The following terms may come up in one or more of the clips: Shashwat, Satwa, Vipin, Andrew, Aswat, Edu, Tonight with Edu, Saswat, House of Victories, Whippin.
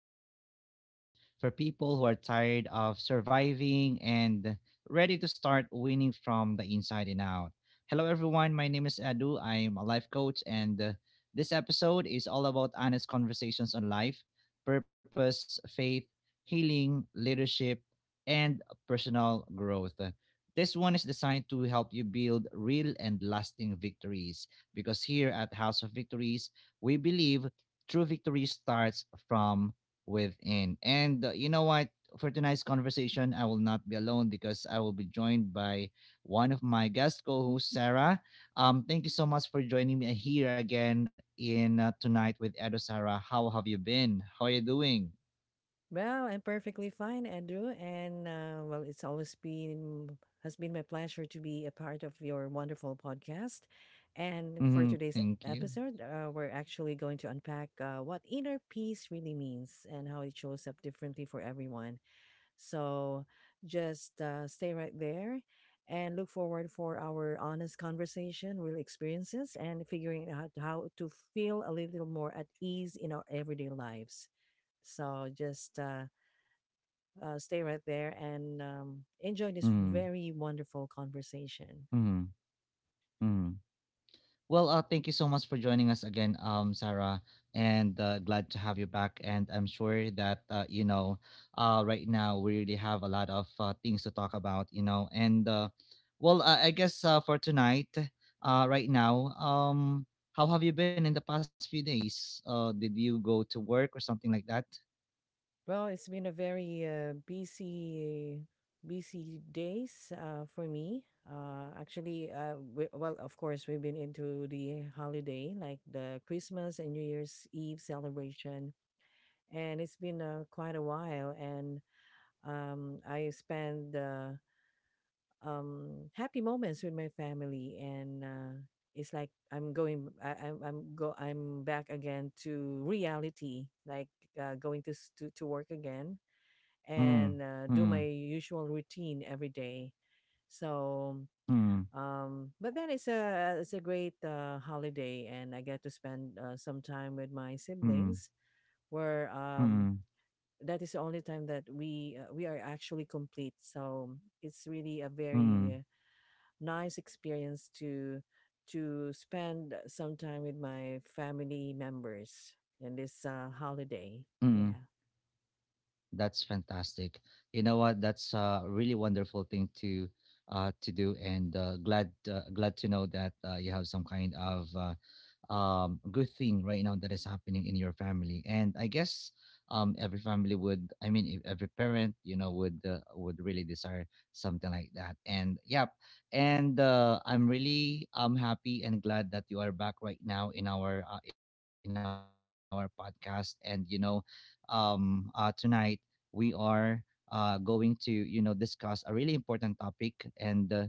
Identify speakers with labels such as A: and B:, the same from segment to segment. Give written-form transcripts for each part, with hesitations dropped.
A: of House of Victories for people who are tired of surviving and ready to start winning from the inside and out. Hello, everyone. My name is Edu. I am a life coach, and this episode is all about honest conversations on life, purpose, faith, healing, leadership, and personal growth. This one is designed to help you build real and lasting victories because here at House of Victories, we believe true victory starts from within. And You know what? For tonight's conversation, I will not be alone because I will be joined by one of my guest co-hosts, Sarah. Thank you so much for joining me here again in tonight with Edo Sarah. How have you been? How are you doing?
B: Well, I'm perfectly fine, Andrew, and it's always been has been my pleasure to be a part of your wonderful podcast. And for
A: Mm-hmm,
B: today's
A: thank you.
B: episode, we're actually going to unpack what inner peace really means and how it shows up differently for everyone. So just stay right there and look forward for our honest conversation, real experiences, and figuring out how to feel a little more at ease in our everyday lives. So just stay right there and enjoy this
A: Mm-hmm.
B: very wonderful conversation.
A: Mm-hmm. Well, thank you so much for joining us again, Sarah, and glad to have you back. And I'm sure that right now we really have a lot of things to talk about. I guess for tonight, right now, how have you been in the past few days? Did you go to work or something like that?
B: Well, it's been a very busy days for me. Of course, we've been into the holiday, like the Christmas and New Year's Eve celebration, and it's been quite a while. And I spent happy moments with my family, and it's like I'm going I, I'm go I'm back again to reality, like going to, to work again,
A: Mm.
B: and do my
A: Mm.
B: usual routine every day. So
A: Mm.
B: but then it's a great holiday, and I get to spend some time with my
A: Mm.
B: siblings, where
A: Mm. Mm.
B: that is the only time that we are actually complete. So it's really a
A: Mm.
B: very nice experience to spend some time with my family members in this holiday.
A: Mm.
B: Yeah.
A: That's fantastic. You know what? That's a really wonderful thing to do, and glad to know that you have some kind of good thing right now that is happening in your family. And I guess every family would. If every parent, you know, would really desire something like that. And yep. And I'm really happy and glad that you are back right now in our podcast. And you know, tonight we are going to you know discuss a really important topic and uh,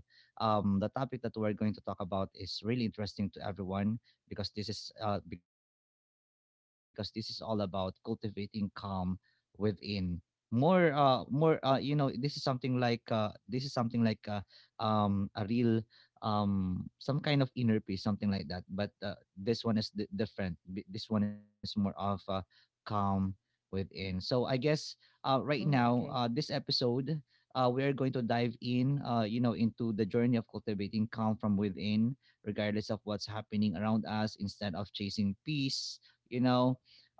A: um, the topic that we're going to talk about is really interesting to everyone because this is all about cultivating calm within, more more you know, this is something like a real some kind of inner peace, something like that, but this one is this one is more of calm within. So I guess right now
B: Mm,
A: this
B: okay.
A: episode, we are going to dive in, you know, into the journey of cultivating calm from within, regardless of what's happening around us instead of chasing peace, you know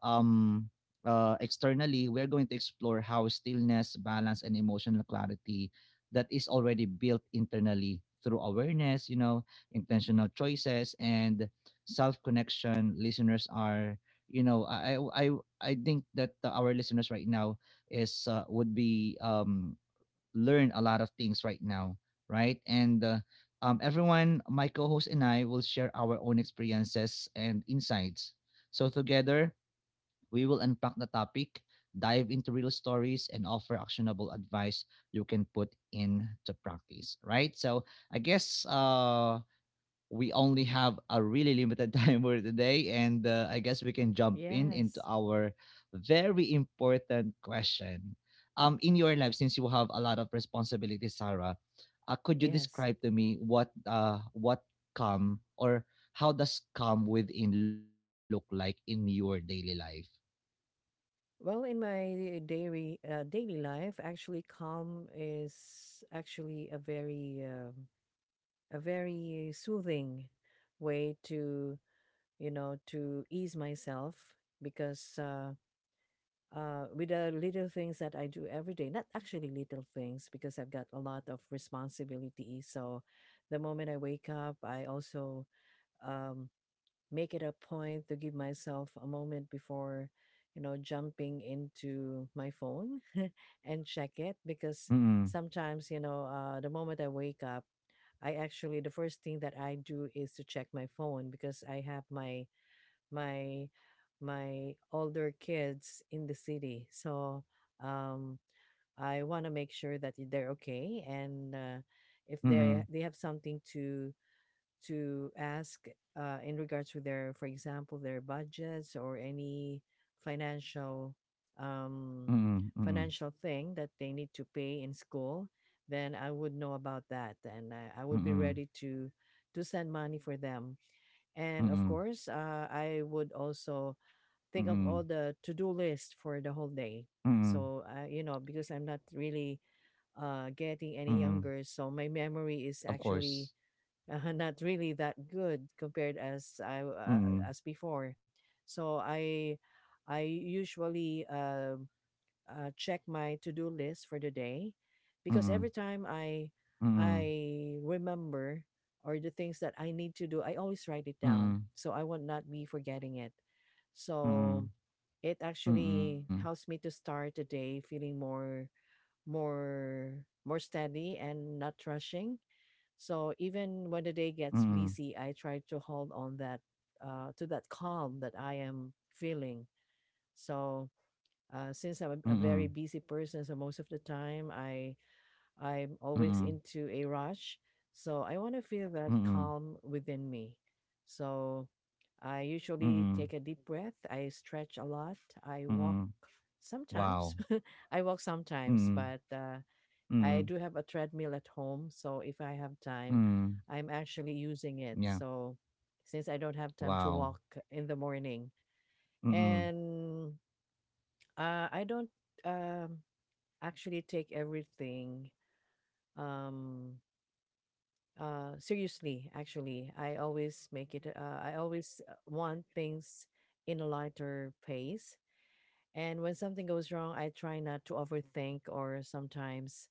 A: um externally. We're going to explore how stillness, balance and emotional clarity that is already built internally through awareness, you know, intentional choices and self connection. Listeners are, you know i i i I think that our listeners right now is would be learn a lot of things right now, right? And everyone, my co host and I will share our own experiences and insights. So, together, we will unpack the topic, dive into real stories, and offer actionable advice you can put into practice, right? So, I guess we only have a really limited time for today, and I guess we can jump in into
B: Yes.
A: our very important question. In your life, since you have a lot of responsibilities, Sarah, could you
B: Yes.
A: describe to me what come or how does come within look like in your daily life?
B: Well, in my daily daily life, actually, calm is actually a very soothing way to, you know, to ease myself, because with the little things that I do every day. Not actually little things, because I've got a lot of responsibility. So the moment I wake up, I also um, make it a point to give myself a moment before, you know, jumping into my phone and check it, because
A: Mm-mm.
B: sometimes, you know, the moment I wake up, I actually, the first thing that I do is to check my phone, because I have my my older kids in the city. So um, I want to make sure that they're okay, and if
A: Mm-mm.
B: they have something to ask in regards to their, for example, their budgets or any financial um,
A: Mm-mm.
B: financial thing that they need to pay in school, then I would know about that, and I would be
A: Mm-mm.
B: ready to send money for them. And of
A: Mm-mm.
B: course, I would also
A: Mm-mm.
B: think of
A: Mm-mm.
B: all the to-do list for the whole day.
A: Mm-mm.
B: So, you know, because I'm not really getting any younger,
A: Mm-mm.
B: so my memory is
A: Of
B: actually
A: course.
B: not really that good compared as I as
A: Mm-mm.
B: before. So I usually check my to-do list for the day,
A: Mm-mm.
B: because every time
A: Mm-mm.
B: I remember or the things that I need to do, I always write it down.
A: Mm-mm.
B: So I will not be forgetting it.
A: Mm-mm.
B: So it
A: Mm.
B: actually helps me to start the day feeling more more steady and not rushing. So even when the day gets
A: Mm.
B: busy, I try to hold on that, to that calm that I am feeling. So since I'm a
A: Mm.
B: very busy person, so most of the time I'm always
A: Mm.
B: into a rush. So I want to feel that
A: Mm.
B: calm within me. So I usually
A: Mm.
B: take a deep breath. I stretch a lot. I walk
A: Mm.
B: sometimes.
A: Wow.
B: I walk sometimes,
A: Mm.
B: but I
A: Mm.
B: do have a treadmill at home. So if I have time,
A: Mm.
B: I'm actually using it.
A: Yeah.
B: So since I don't have time to
A: Wow.
B: walk in the morning,
A: Mm.
B: and I don't. Um, Actually take everything um seriously. Actually, I always make it I always want things in a lighter pace. And when something goes wrong, I try not to overthink, or sometimes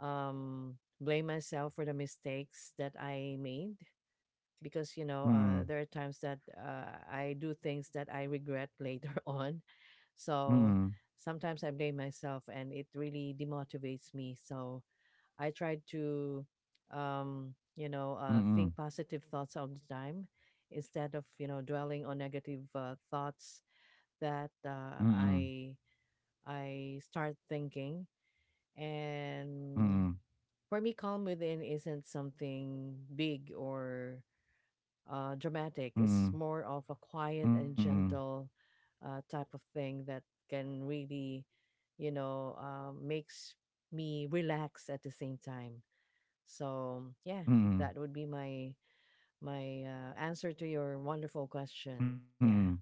B: blame myself for the mistakes that I made, because, you know,
A: Mm.
B: there are times that I do things that I regret later on. So
A: Mm.
B: sometimes I blame myself, and it really demotivates me. So I try to, you know,
A: Mm.
B: think positive thoughts all the time, instead of, you know, dwelling on negative thoughts that
A: Mm. Mm.
B: I start thinking.
A: Mm.
B: And for me, calm within isn't something big or dramatic. It's more of a quiet and
A: Mm.
B: gentle type of thing that can really, you know, makes me relax at the same time. So, yeah,
A: Mm.
B: that would be my answer to your wonderful question.
A: Mm.
B: Yeah.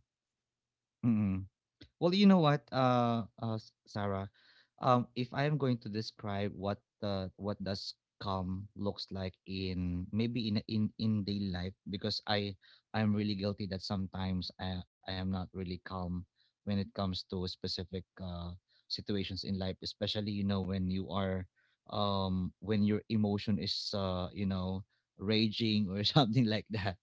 A: Mm. Well, you know what, Sarah, if I am going to describe what the what does calm looks like in maybe in daily life, because I'm really guilty that sometimes I am not really calm when it comes to specific situations in life, especially, you know, when you are, when your emotion is you know raging or something like that.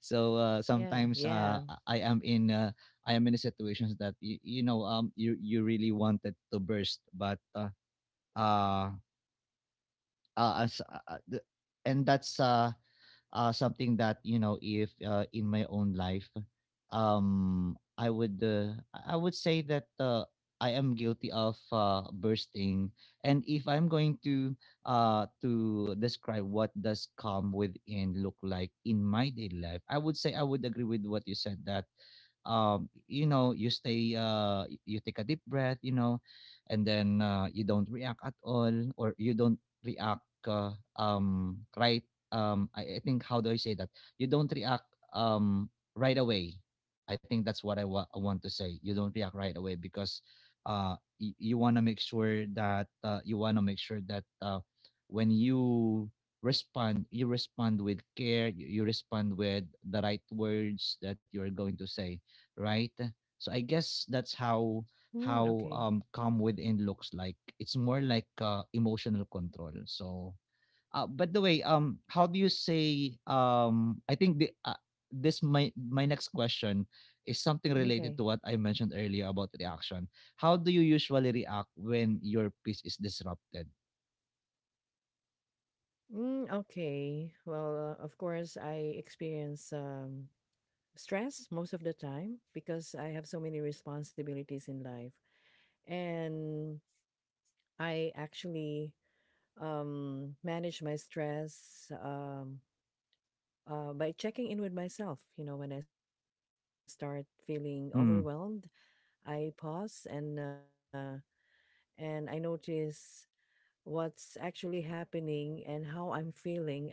A: So
B: Yeah,
A: sometimes
B: yeah.
A: I I am in uh, I am in a situations that you know, you you really wanted to burst, but uh, as the- and that's something that you know if in my own life, um i would uh, I would say that I am guilty of bursting. And if I'm going to describe what does calm within look like in my daily life, I would say I would agree with what you said that, you know, you stay you take a deep breath, you know, and then you don't react at all, or you don't react uh, um right I think, how do I say that? You don't react um right away. I think that's what I want to say. You don't react right away because uh you want to make sure that you want to make sure that when you respond, you respond with care. You respond with the right words that you're going to say, right? So I guess that's how
B: Mm,
A: how
B: okay.
A: um calm within looks like. It's more like emotional control. So by the way, how do you say? I think the this my next question is something related
B: Okay.
A: to what I mentioned earlier about reaction. How do you usually react when your peace is disrupted?
B: Mm, okay. Well, of course, I experience stress most of the time because I have so many responsibilities in life. And I actually manage my stress by checking in with myself. You know, when I start feeling
A: Mm.
B: overwhelmed, I pause and I notice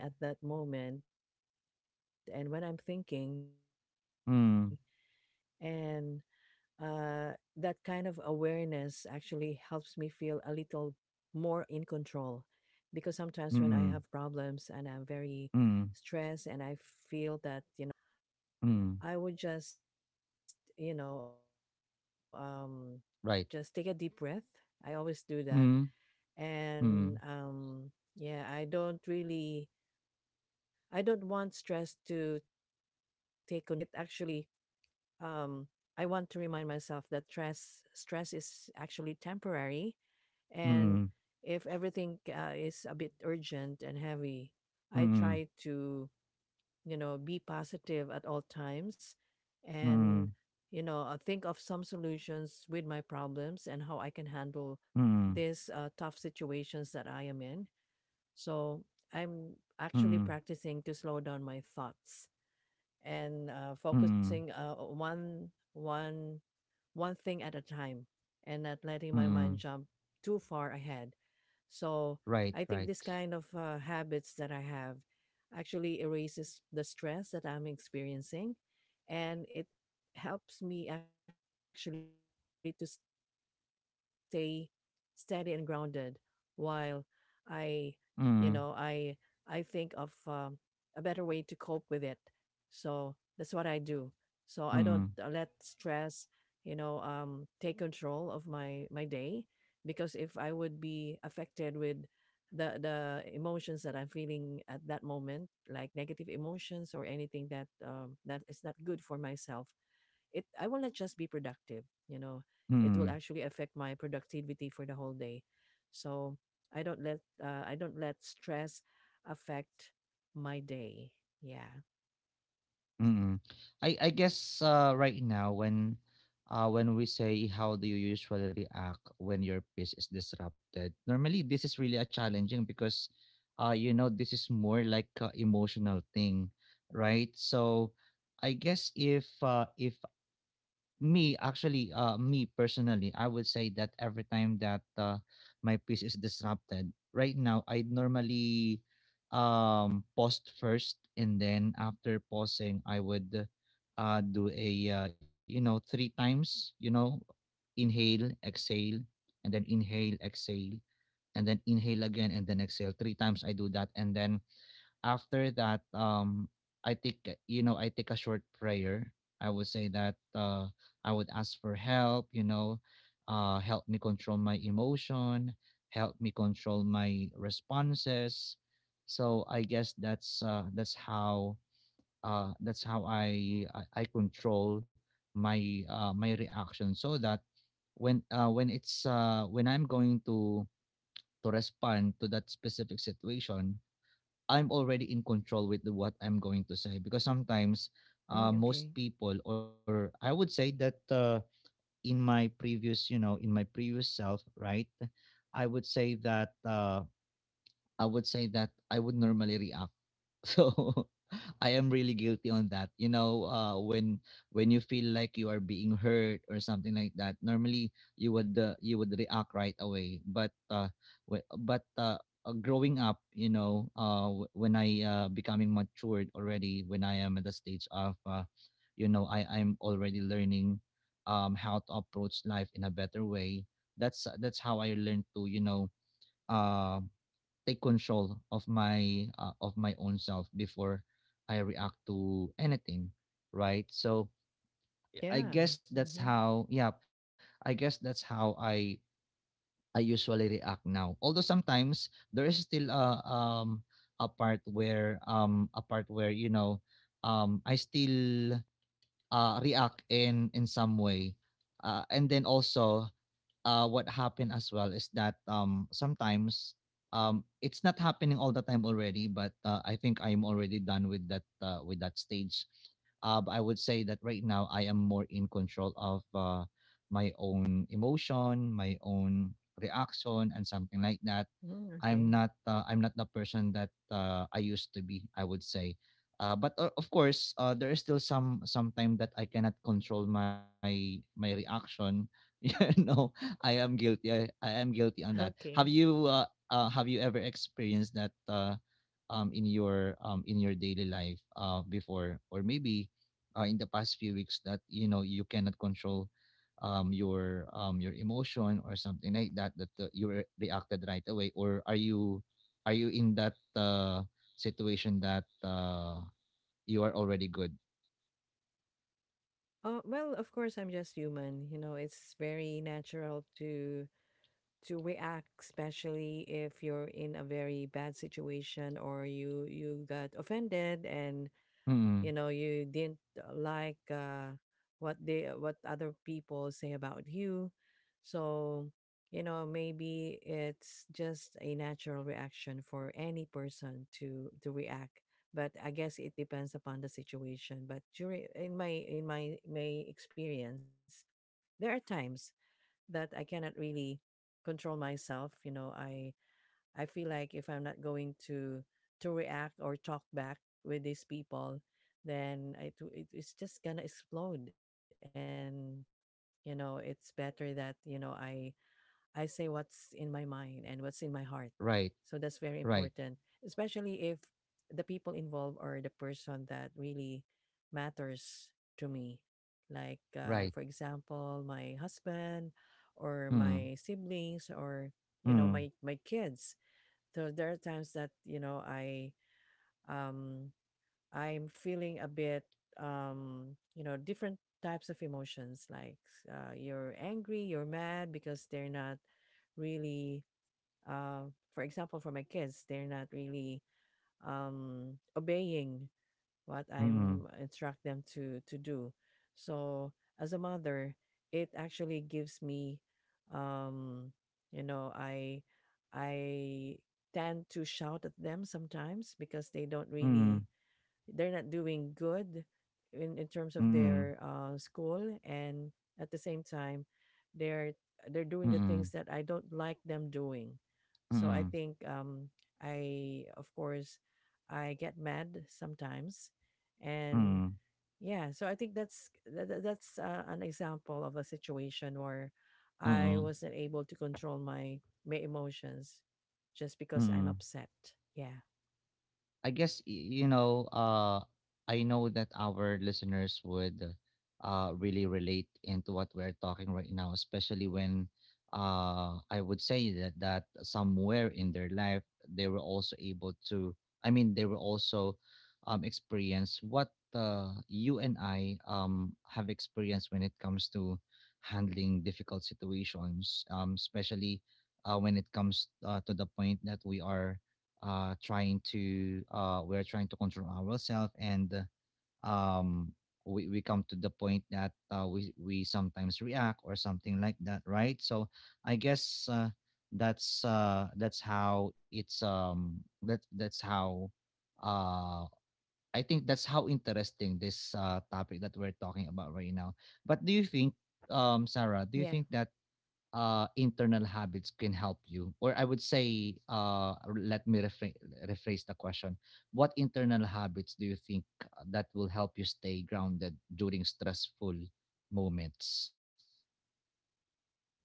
B: what's actually happening and how I'm feeling at that moment and when I'm
A: Mm.
B: thinking. And that kind of awareness actually helps me feel a little more in control, because
A: Mm.
B: sometimes
A: Mm.
B: when I have problems and I'm very
A: Mm.
B: stressed and I feel that, you know, anxiety
A: Mm,
B: is rising within my body, so I would just, you know,
A: right.
B: just take a deep breath. I always do
A: Mm.
B: that.
A: Mm.
B: And yeah, I don't really, I don't want stress to take control of my mind and my life. And it actually, um, I want to remind myself that stress is actually temporary.
A: Mm.
B: And if everything is a bit urgent and heavy,
A: Mm.
B: I try to, you know, be positive at all times, and,
A: Mm.
B: you know, think of some solutions with my problems and how I can handle
A: Mm.
B: these tough situations that I am in. So I'm actually
A: Mm.
B: practicing to slow down my thoughts, and focusing
A: Mm.
B: one one thing at a time, and not letting my
A: Mm.
B: mind jump too far ahead. So
A: Right,
B: I think
A: right.
B: this kind of habits that I have actually erases the stress that I'm experiencing, and it helps me actually to stay steady and grounded while I you know I think of a
A: Mm.
B: better way to cope with it. So that's what I do. So I don't let stress, you know,
A: Mm.
B: take control of my day, because if I would be affected with the emotions that I'm feeling at that moment, like negative emotions or anything that that is not good for myself, it I will not just be productive, you know, it will actually affect
A: Mm.
B: my productivity for the whole day. So I don't let stress affect my day. Yeah.
A: Mm. I guess right now when we say how do you usually react when your peace is disrupted, normally this is really a challenging, because you know, this is more like a emotional thing, right? So I guess if Me, actually, me personally, I would say that every time that my peace is disrupted, right now, I normally post first, and then after pausing, I would do a, you know, three times, you know, inhale, exhale, and then inhale, exhale, and then inhale again, and then exhale. Three times I do that, and then after that, I take you know, I take a short prayer. I would say that I would ask for help, you know, help me control my emotion, help me control my responses. So I guess that's how I control my reaction, so that when I'm going to respond to that specific situation, I'm already in control with what I'm going to say, because sometimes
B: Mm,
A: most
B: okay.
A: people, or I would say that in my previous you know, in my previous self, right, I would say that I would say that I would normally react. So I am really guilty on that, you know. When you feel like you are being hurt or something like that, normally you would react right away, but wh- but uh growing up, you know, when I becoming matured already, when I am at the stage of you know, I'm already learning how to approach life in a better way, that's how I learned to, you know, uh, take control of my own self before I react to anything, right? So I
B: Yeah.
A: guess that's
B: Mm-hmm.
A: how. Yeah, I guess that's how I usually react now. Although sometimes there is still a a part where, you know, I still react in some way. And then also what happened as well is that sometimes it's not happening all the time already, but I think I'm already done with that stage. But I would say that right now I am more in control of my own emotion, my own reaction, and something like that.
B: Mm, okay.
A: I'm not the person that I used to be, I would say, but of course, there is still some time that I cannot control my reaction. You know, I am guilty. I am guilty on that. Have
B: Okay.
A: you uh, have you ever experienced that in your daily life before? Or maybe in the past few weeks that you know you cannot control your emotion or something like that, that reacted right away? Or are you in that situation that you are already good?
B: Well, of course, I'm just human. You know, it's very natural to react, especially if you're in a very bad situation or you got offended, and,
A: Mm.
B: you know, you didn't like what they what other people say about you. So, you know, maybe it's just a natural reaction for any person to react. But I guess it depends upon the situation. But during in my my experience, there are times that I cannot really control myself. You know, I feel like if I'm not going to react or talk back with these people, then it it's just gonna explode. And, you know, it's better that, you know, I say what's in my mind and what's in my heart. So that's
A: Right,
B: very important,
A: right,
B: especially if the people involved are the person that really matters to me. Like
A: right.
B: for example, my husband or
A: Mm,
B: my siblings or, you know,
A: mm,
B: my kids. So there are times that, you know, um I'm feeling a bit you know, different types of emotions, like you're angry, you're mad, because they're not really uh for example, for my kids, they're not really obeying what
A: mm,
B: I'm instruct them to do. So as a mother, it actually gives me, um, you know, I tend to shout at them sometimes because they don't really
A: mm.
B: they're not doing good in terms of
A: 嗯
B: their school, and at the same time they're they're doing the
A: 嗯
B: things that I don't like them doing. So I
A: 嗯
B: think I of course I get mad sometimes. And
A: 嗯嗯
B: yeah, so I think that's an example of a situation where
A: 嗯
B: I
A: 嗯
B: wasn't able to control my emotions, just because I'm
A: 嗯。
B: upset. Yeah.
A: You know, I know that our listeners would really relate into what we're talking right now, especially when I would say that somewhere in their life they were also able to. I mean, they were also experience what you and I have experienced when it comes to handling difficult situations, especially when it comes to the point that we are trying to we're trying to control ourselves, and um we come to the point that we sometimes react or something like that, right? So I guess that's how it's that that's how, uh I think, that's how interesting this topic that we're talking about right now. But do you think, Sarah, do you
B: Yeah.
A: think that internal habits can help you? Or I would say, let me rephrase, rephrase the question. What internal habits do you think that will help you stay grounded during stressful moments?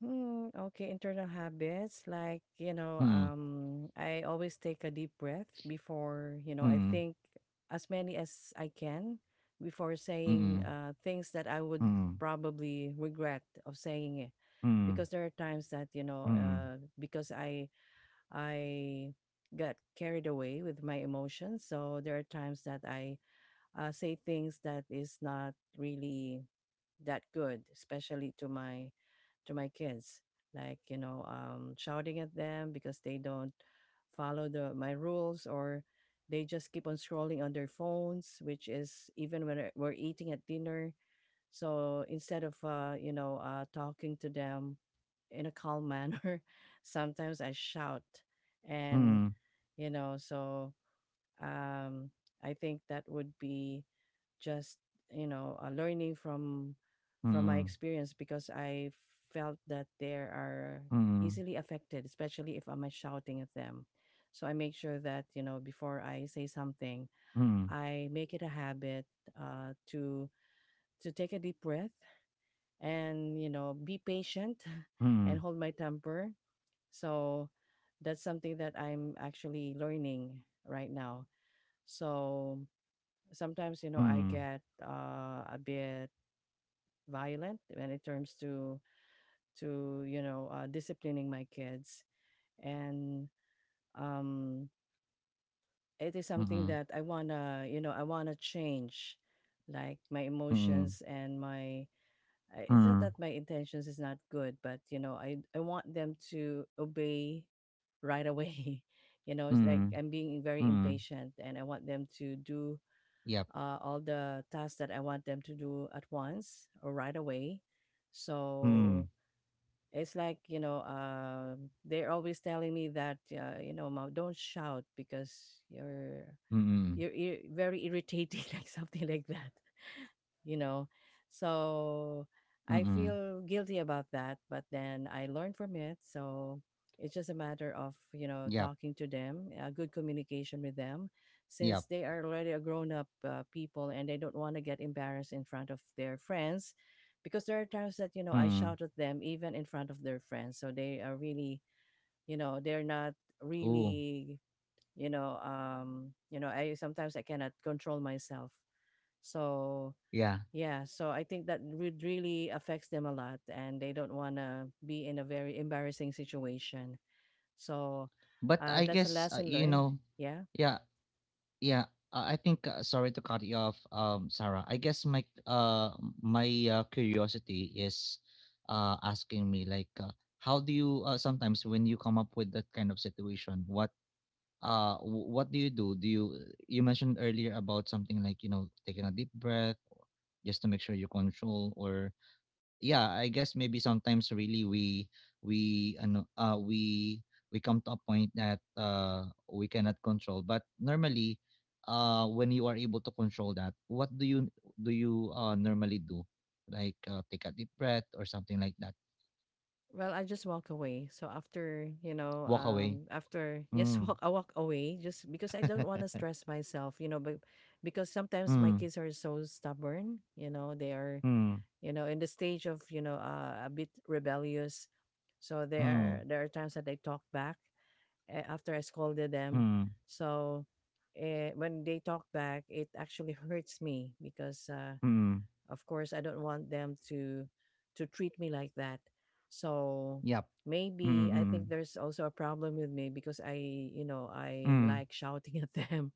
B: Hmm, okay, internal habits like, you know,
A: Mm,
B: I always take a deep breath before, you know, I
A: mm,
B: think, as many as I can, before saying
A: mm,
B: things that I would
A: mm,
B: probably regret of saying it.
A: mm,
B: Because there are times that, you know, because I got carried away with my emotions, so there are times that I say things that is not really that good, especially to my kids, like, you know, shouting at them because they don't follow the my rules or they just keep on scrolling on their phones, which is even when we're eating at dinner. So instead of, you know, talking to them in a calm manner, sometimes I shout. And,
A: mm,
B: you know, so um, I think that would be just learning from my
A: mm,
B: experience because I felt that they
A: mm,
B: are easily affected, especially if I'm shouting at them. So I make sure that, you know, before
A: mm,
B: I say something, I make it a habit uh, to to take a deep breath and, you know, be
A: mm,
B: patient and hold my temper. So that's something that I'm actually learning right now. So sometimes, you know,
A: mm,
B: I get a bit violent when it turns to, you know, disciplining my kids. And um it is
A: mm,
B: something
A: mm,
B: that I want to, you know, I want to change, like my
A: mm,
B: emotions and my it's not
A: mm,
B: that my intentions is not good, but, you know, I want them to obey right away. You know, it's like
A: mm,
B: I'm being very
A: mm.
B: impatient and I want them to do
A: Yep.
B: all the tasks that I want them to do at once or right away. So
A: Mm,
B: it's like, you know, they're always telling me that, you know, Mom, don't shout because you're
A: mm, mm,
B: very irritating, like something like that, you know. So
A: mm,
B: I
A: mm.
B: feel guilty about that, but then I learned from it. So it's just a matter of, you know,
A: Yep.
B: talking to them, good communication with them,
A: Yep.
B: since they are already a grown up people and they don't want to get embarrassed in front of their friends. Because there are times that, you know, I
A: Mm.
B: shout at them even in front of their friends. So they are really, you know, they're not
A: Ooh.
B: really, you know, I sometimes I cannot control myself. So
A: Yeah.
B: yeah, so I think that would really affects them a lot, and they don't want to be in a very embarrassing situation. So
A: But I
B: that's a
A: guess,
B: lesson
A: you
B: learned.
A: know,
B: Yeah.
A: yeah, yeah. I think, sorry to cut you off, Sarah. I guess my curiosity is asking me like, how do you sometimes, when you come up with that kind of situation, what, what do you do? You mentioned earlier about something like, you know, taking a deep breath just to make sure you control. Or yeah, I guess maybe sometimes really we ano, we come to a point that we cannot control. But normally, when you are able to control that, what do you normally do? Like, take a deep breath or something like that?
B: Well, I just walk away. So after, you know,
A: Walk away.
B: after
A: Mm.
B: I walk away just because I don't want to stress myself. You know, but because sometimes my
A: Mm.
B: kids are so stubborn. You know, they are,
A: Mm.
B: you know, in the stage of, you know, a bit rebellious. So there
A: Mm.
B: are there are times that they talk back after I scolded them.
A: Mm.
B: So when they talk back, it actually hurts me because,
A: Mm.
B: of course, I don't want them to treat me like that. So
A: Yep. Mm,
B: maybe I
A: mm,
B: think there's also a problem with me because I, you know, I
A: mm.
B: like shouting at them,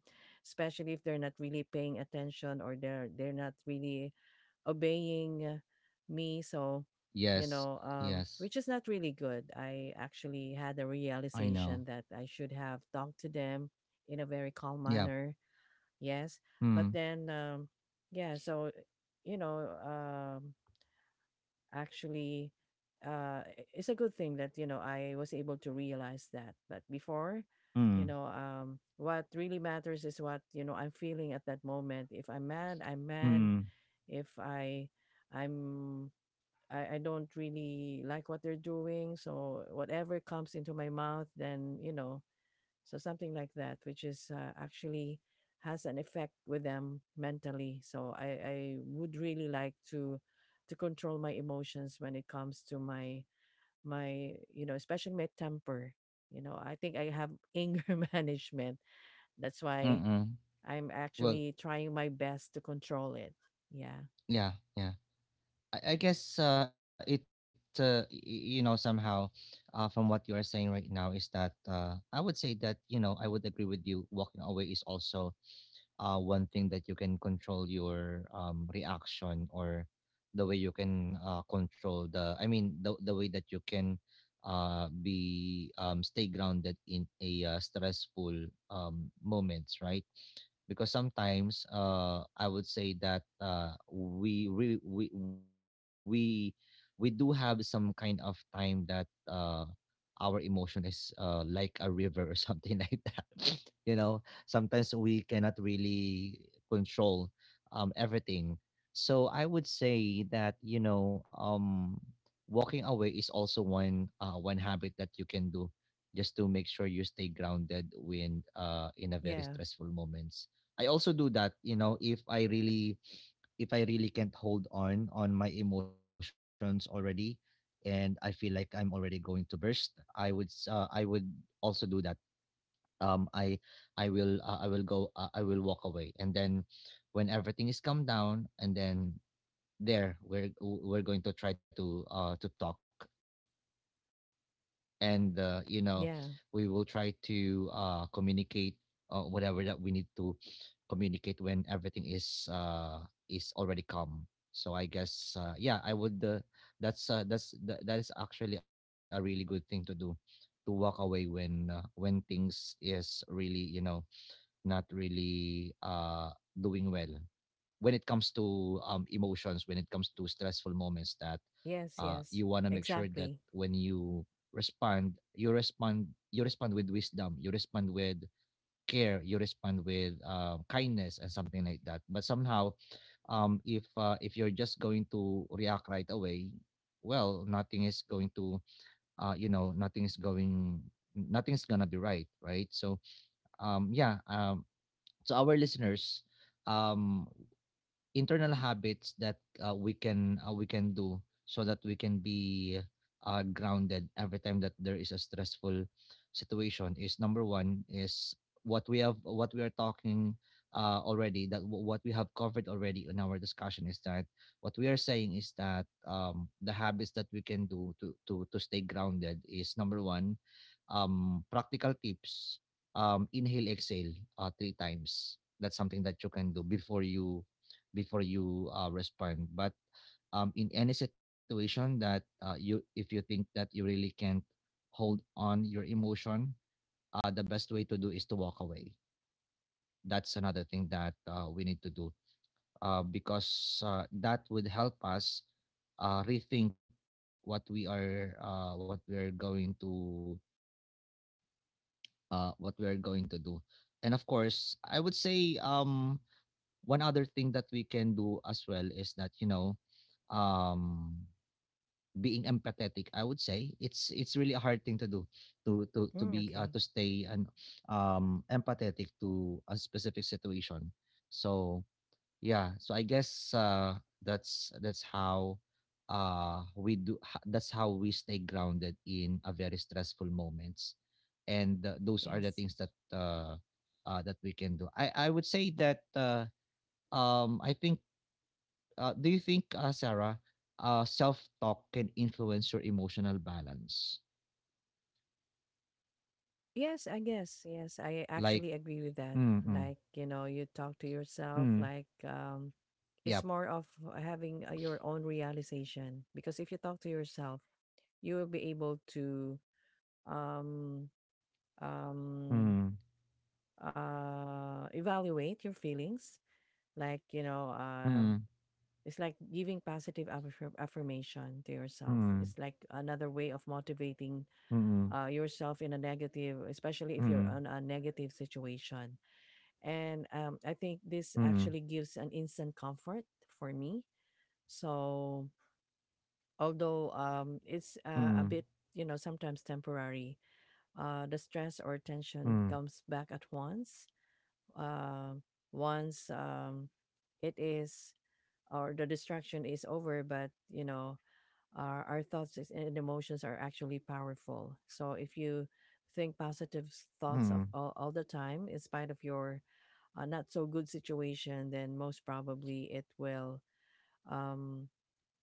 B: especially if they're not really paying attention or they're not really obeying me. So, you
A: Yes,
B: know,
A: yes,
B: which is not really good. I actually had a
A: I know.
B: realization that I should have talked to them in a very calm
A: Yep.
B: manner. Yes. But
A: Mm,
B: then, yeah, so, you know, actually, I- It's a good thing that, you know, I was able to realize that. But before, you
A: mm,
B: know, what really matters is what, you know, I'm feeling at that moment. If I'm mad, I'm mad.
A: mm,
B: If I I'm I don't really like what they're doing. So whatever comes into my mouth, then, you know, so something like that, which is actually has an effect with them mentally. So I would really like to control my emotions when it comes to my my, you know, especially my temper. You know, I think I have anger management. That's why
A: mm.
B: I'm
A: Well,
B: actually trying my best to control it. yeah
A: yeah, yeah. I guess you know, somehow, from what you are saying right now, is that, I would say that you know I would agree with you. Walking away is also one thing that you can control your reaction, or the way you can control the, I mean, the way that you can be stay grounded in a, stressful moments, right? Because sometimes, I would say that we, re- we do have some kind of time that our emotion is, like a river or something like that. You know, sometimes we cannot really control everything. So I would say that, you know, walking away is also one, one habit that you can do just to make sure you stay grounded when, in a very
B: yeah
A: stressful moment. I also do that, you know. If I really, if I really can't hold on my emotions already, and I feel like I'm already going to burst, I would also do that. I, I will go I will walk away, and then when everything is calmed down, and then there we're we're going to try to talk and, you know, we will
B: yeah.
A: try to, communicate whatever that we need to communicate when everything is, is already calm. So I guess, yeah, I would, that is actually a really good thing to do, to walk away when, when things is really, you know, not really, doing well when it comes to, emotions, when it comes to stressful moments, that,
B: Yes, yes,
A: you want to make sure
B: exactly.
A: that when you respond, you respond, you respond with wisdom, you respond with care, you respond with, kindness, and something like that. But somehow, if you're just going to react right away, well, nothing is going to, you know, nothing is going, nothing's gonna be right, right? So, yeah, to our listeners, um, internal habits that, we can do so that we can be, grounded every time that there is a stressful situation, is number one is what we are talking, already, that what we have covered already in our discussion, is that what we are saying is that, the habits that we can do to stay grounded is number one, practical tips, inhale, exhale, three times. That's something that you can do before you, before you, respond. But, in any situation that, if you think that you really can't hold on your emotion, the best way to do is to walk away. That's another thing that, we need to do, because, that would help us, rethink what we are, what we are going to, what we are going to do. And of course, I would say, one other thing that we can do as well is that, you know, um being empathetic, I would say it's really a hard thing to do, to
B: Mm,
A: be, to
B: okay.
A: stay and empathetic to a specific situation. So yeah, so I guess, that's how, that's how we stay grounded in a very stressful moments. And, those are the
B: Yes.
A: things that, that we can do. I would say that, I think, do you think, Sarah, self-talk can influence your emotional balance?
B: Yes, I guess. Yes, I
A: Like,
B: actually agree with that.
A: mm, mm,
B: Like, you know, you talk to yourself,
A: mm,
B: like, it's
A: yep,
B: more of having your own realization. Because if you talk to yourself, you will be able to um, um,
A: mm,
B: evaluate your feelings. Like, you know,
A: mm,
B: it's like giving positive affirmation to yourself.
A: mm,
B: It's like another way of motivating
A: mm,
B: yourself in a negative, especially
A: mm,
B: if you're
A: mm,
B: on a negative situation. And I think this actually gives an instant comfort for me. So, although it's a bit,
A: mm,
B: you know, sometimes temporary, the stress or tension comes
A: mm,
B: back at once. Uh, once it is, or the distraction is over, but, you know, our thoughts and emotions are actually powerful. So if you think
A: mm, mm,
B: thoughts of all the time, in spite of your not so good situation, then most probably um,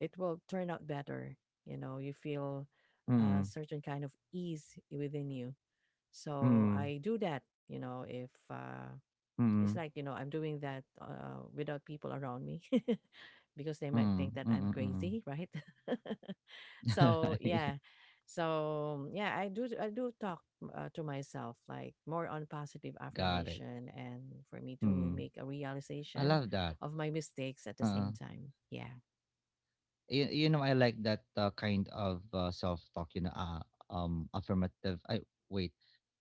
B: it will turn out better. You know, you feel
A: mm,
B: a certain kind of ease within you. So I do that. You know, if it's
A: mm,
B: like, you know, I'm doing that without people around me because they might
A: mm,
B: think that I'm
A: mm, mm,
B: crazy, right? So
A: mm.
B: yeah, so yeah, I do talk to myself, like more on positive
A: Got it.
B: affirmation and for me to
A: Hmm.
B: make a
A: I
B: realization
A: love that.
B: of my mistakes at the
A: Uh,
B: same time. Yeah.
A: you know, I like that, kind of, self talk you know, affirmative, I wait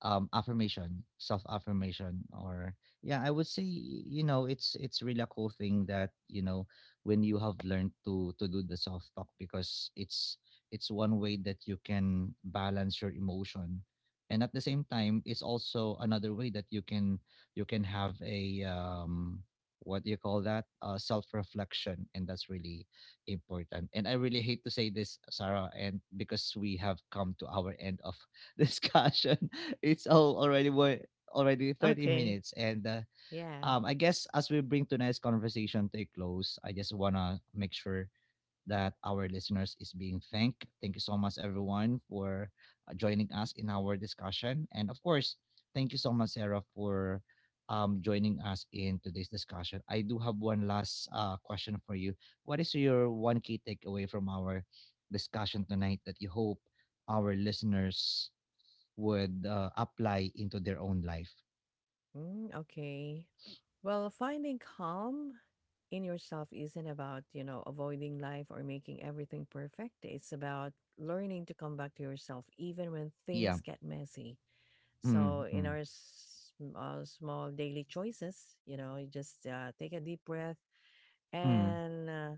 A: affirmation, self affirmation or yeah, I would say, you know, it's really a cool thing that, you know, when you have learned to do the self talk because it's one way that you can balance your emotion, and at the same time, it's also another way that you can, you can have a, what do you call that, self reflection and that's really important. And I really hate to say this, Sarah, and because we have come to our end of discussion, it's all already wa- already 30
B: Okay.
A: minutes. And,
B: Yeah.
A: I guess as we bring tonight's conversation to a close, I just wanna make sure that our listeners is being thanked. Thank you so much, everyone, for, joining us in our discussion. And of course, thank you so much, Sarah, for, joining us in today's discussion. I do have one last, question for you. What is your one key takeaway from our discussion tonight that you hope our listeners would, apply into their own life?
B: Mm, okay. Well, finding calm in yourself isn't about, you know, avoiding life or making everything perfect. It's about learning to come back to yourself even when
A: Yeah.
B: things get messy. So, in
A: Mm-hmm.
B: our small daily choices, you know, you just take a deep breath.
A: Mm,
B: And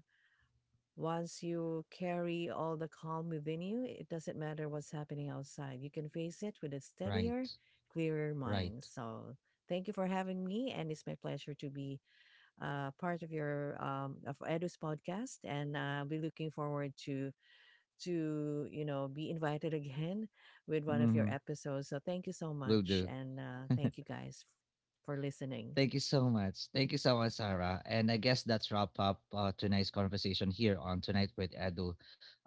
B: once you carry all the calm within you, it doesn't matter what's happening outside. You can face it with a steadier,
A: right.
B: clearer mind.
A: Right.
B: So, thank you for having me. And it's my pleasure to be part of your of Edu's podcast, and I'll be looking forward to, you know, be invited again with one of
A: Mm-hmm.
B: your episodes. So thank you so
A: Will
B: much,
A: do.
B: and thank you guys for listening.
A: Thank you so much. Thank you so much, Sarah. And I guess that's wrap up, tonight's conversation here on Tonight with Edu.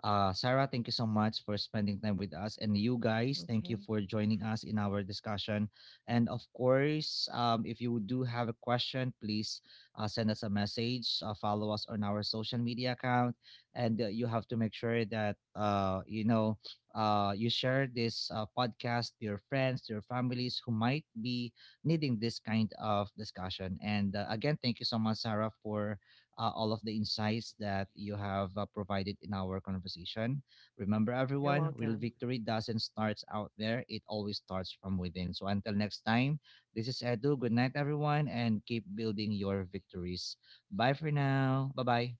A: Sarah, thank you so much for spending time with us. And you guys, thank you
B: Okay,
A: for joining us in our discussion. And of course, if you do have a question, please, send us a message, follow us on our social media account. And, you have to make sure that, you know, you share this, podcast to your friends, to your families who might be needing this kind of discussion. And, again, thank you so much, Sarah, for, all of the insights that you have, provided in our conversation. Remember,
B: you're
A: everyone, real
B: welcome.
A: victory doesn't start out there, it always starts from within. So until next time, this is Edu. Good night, everyone, and keep building your victories. Bye for now. Bye bye.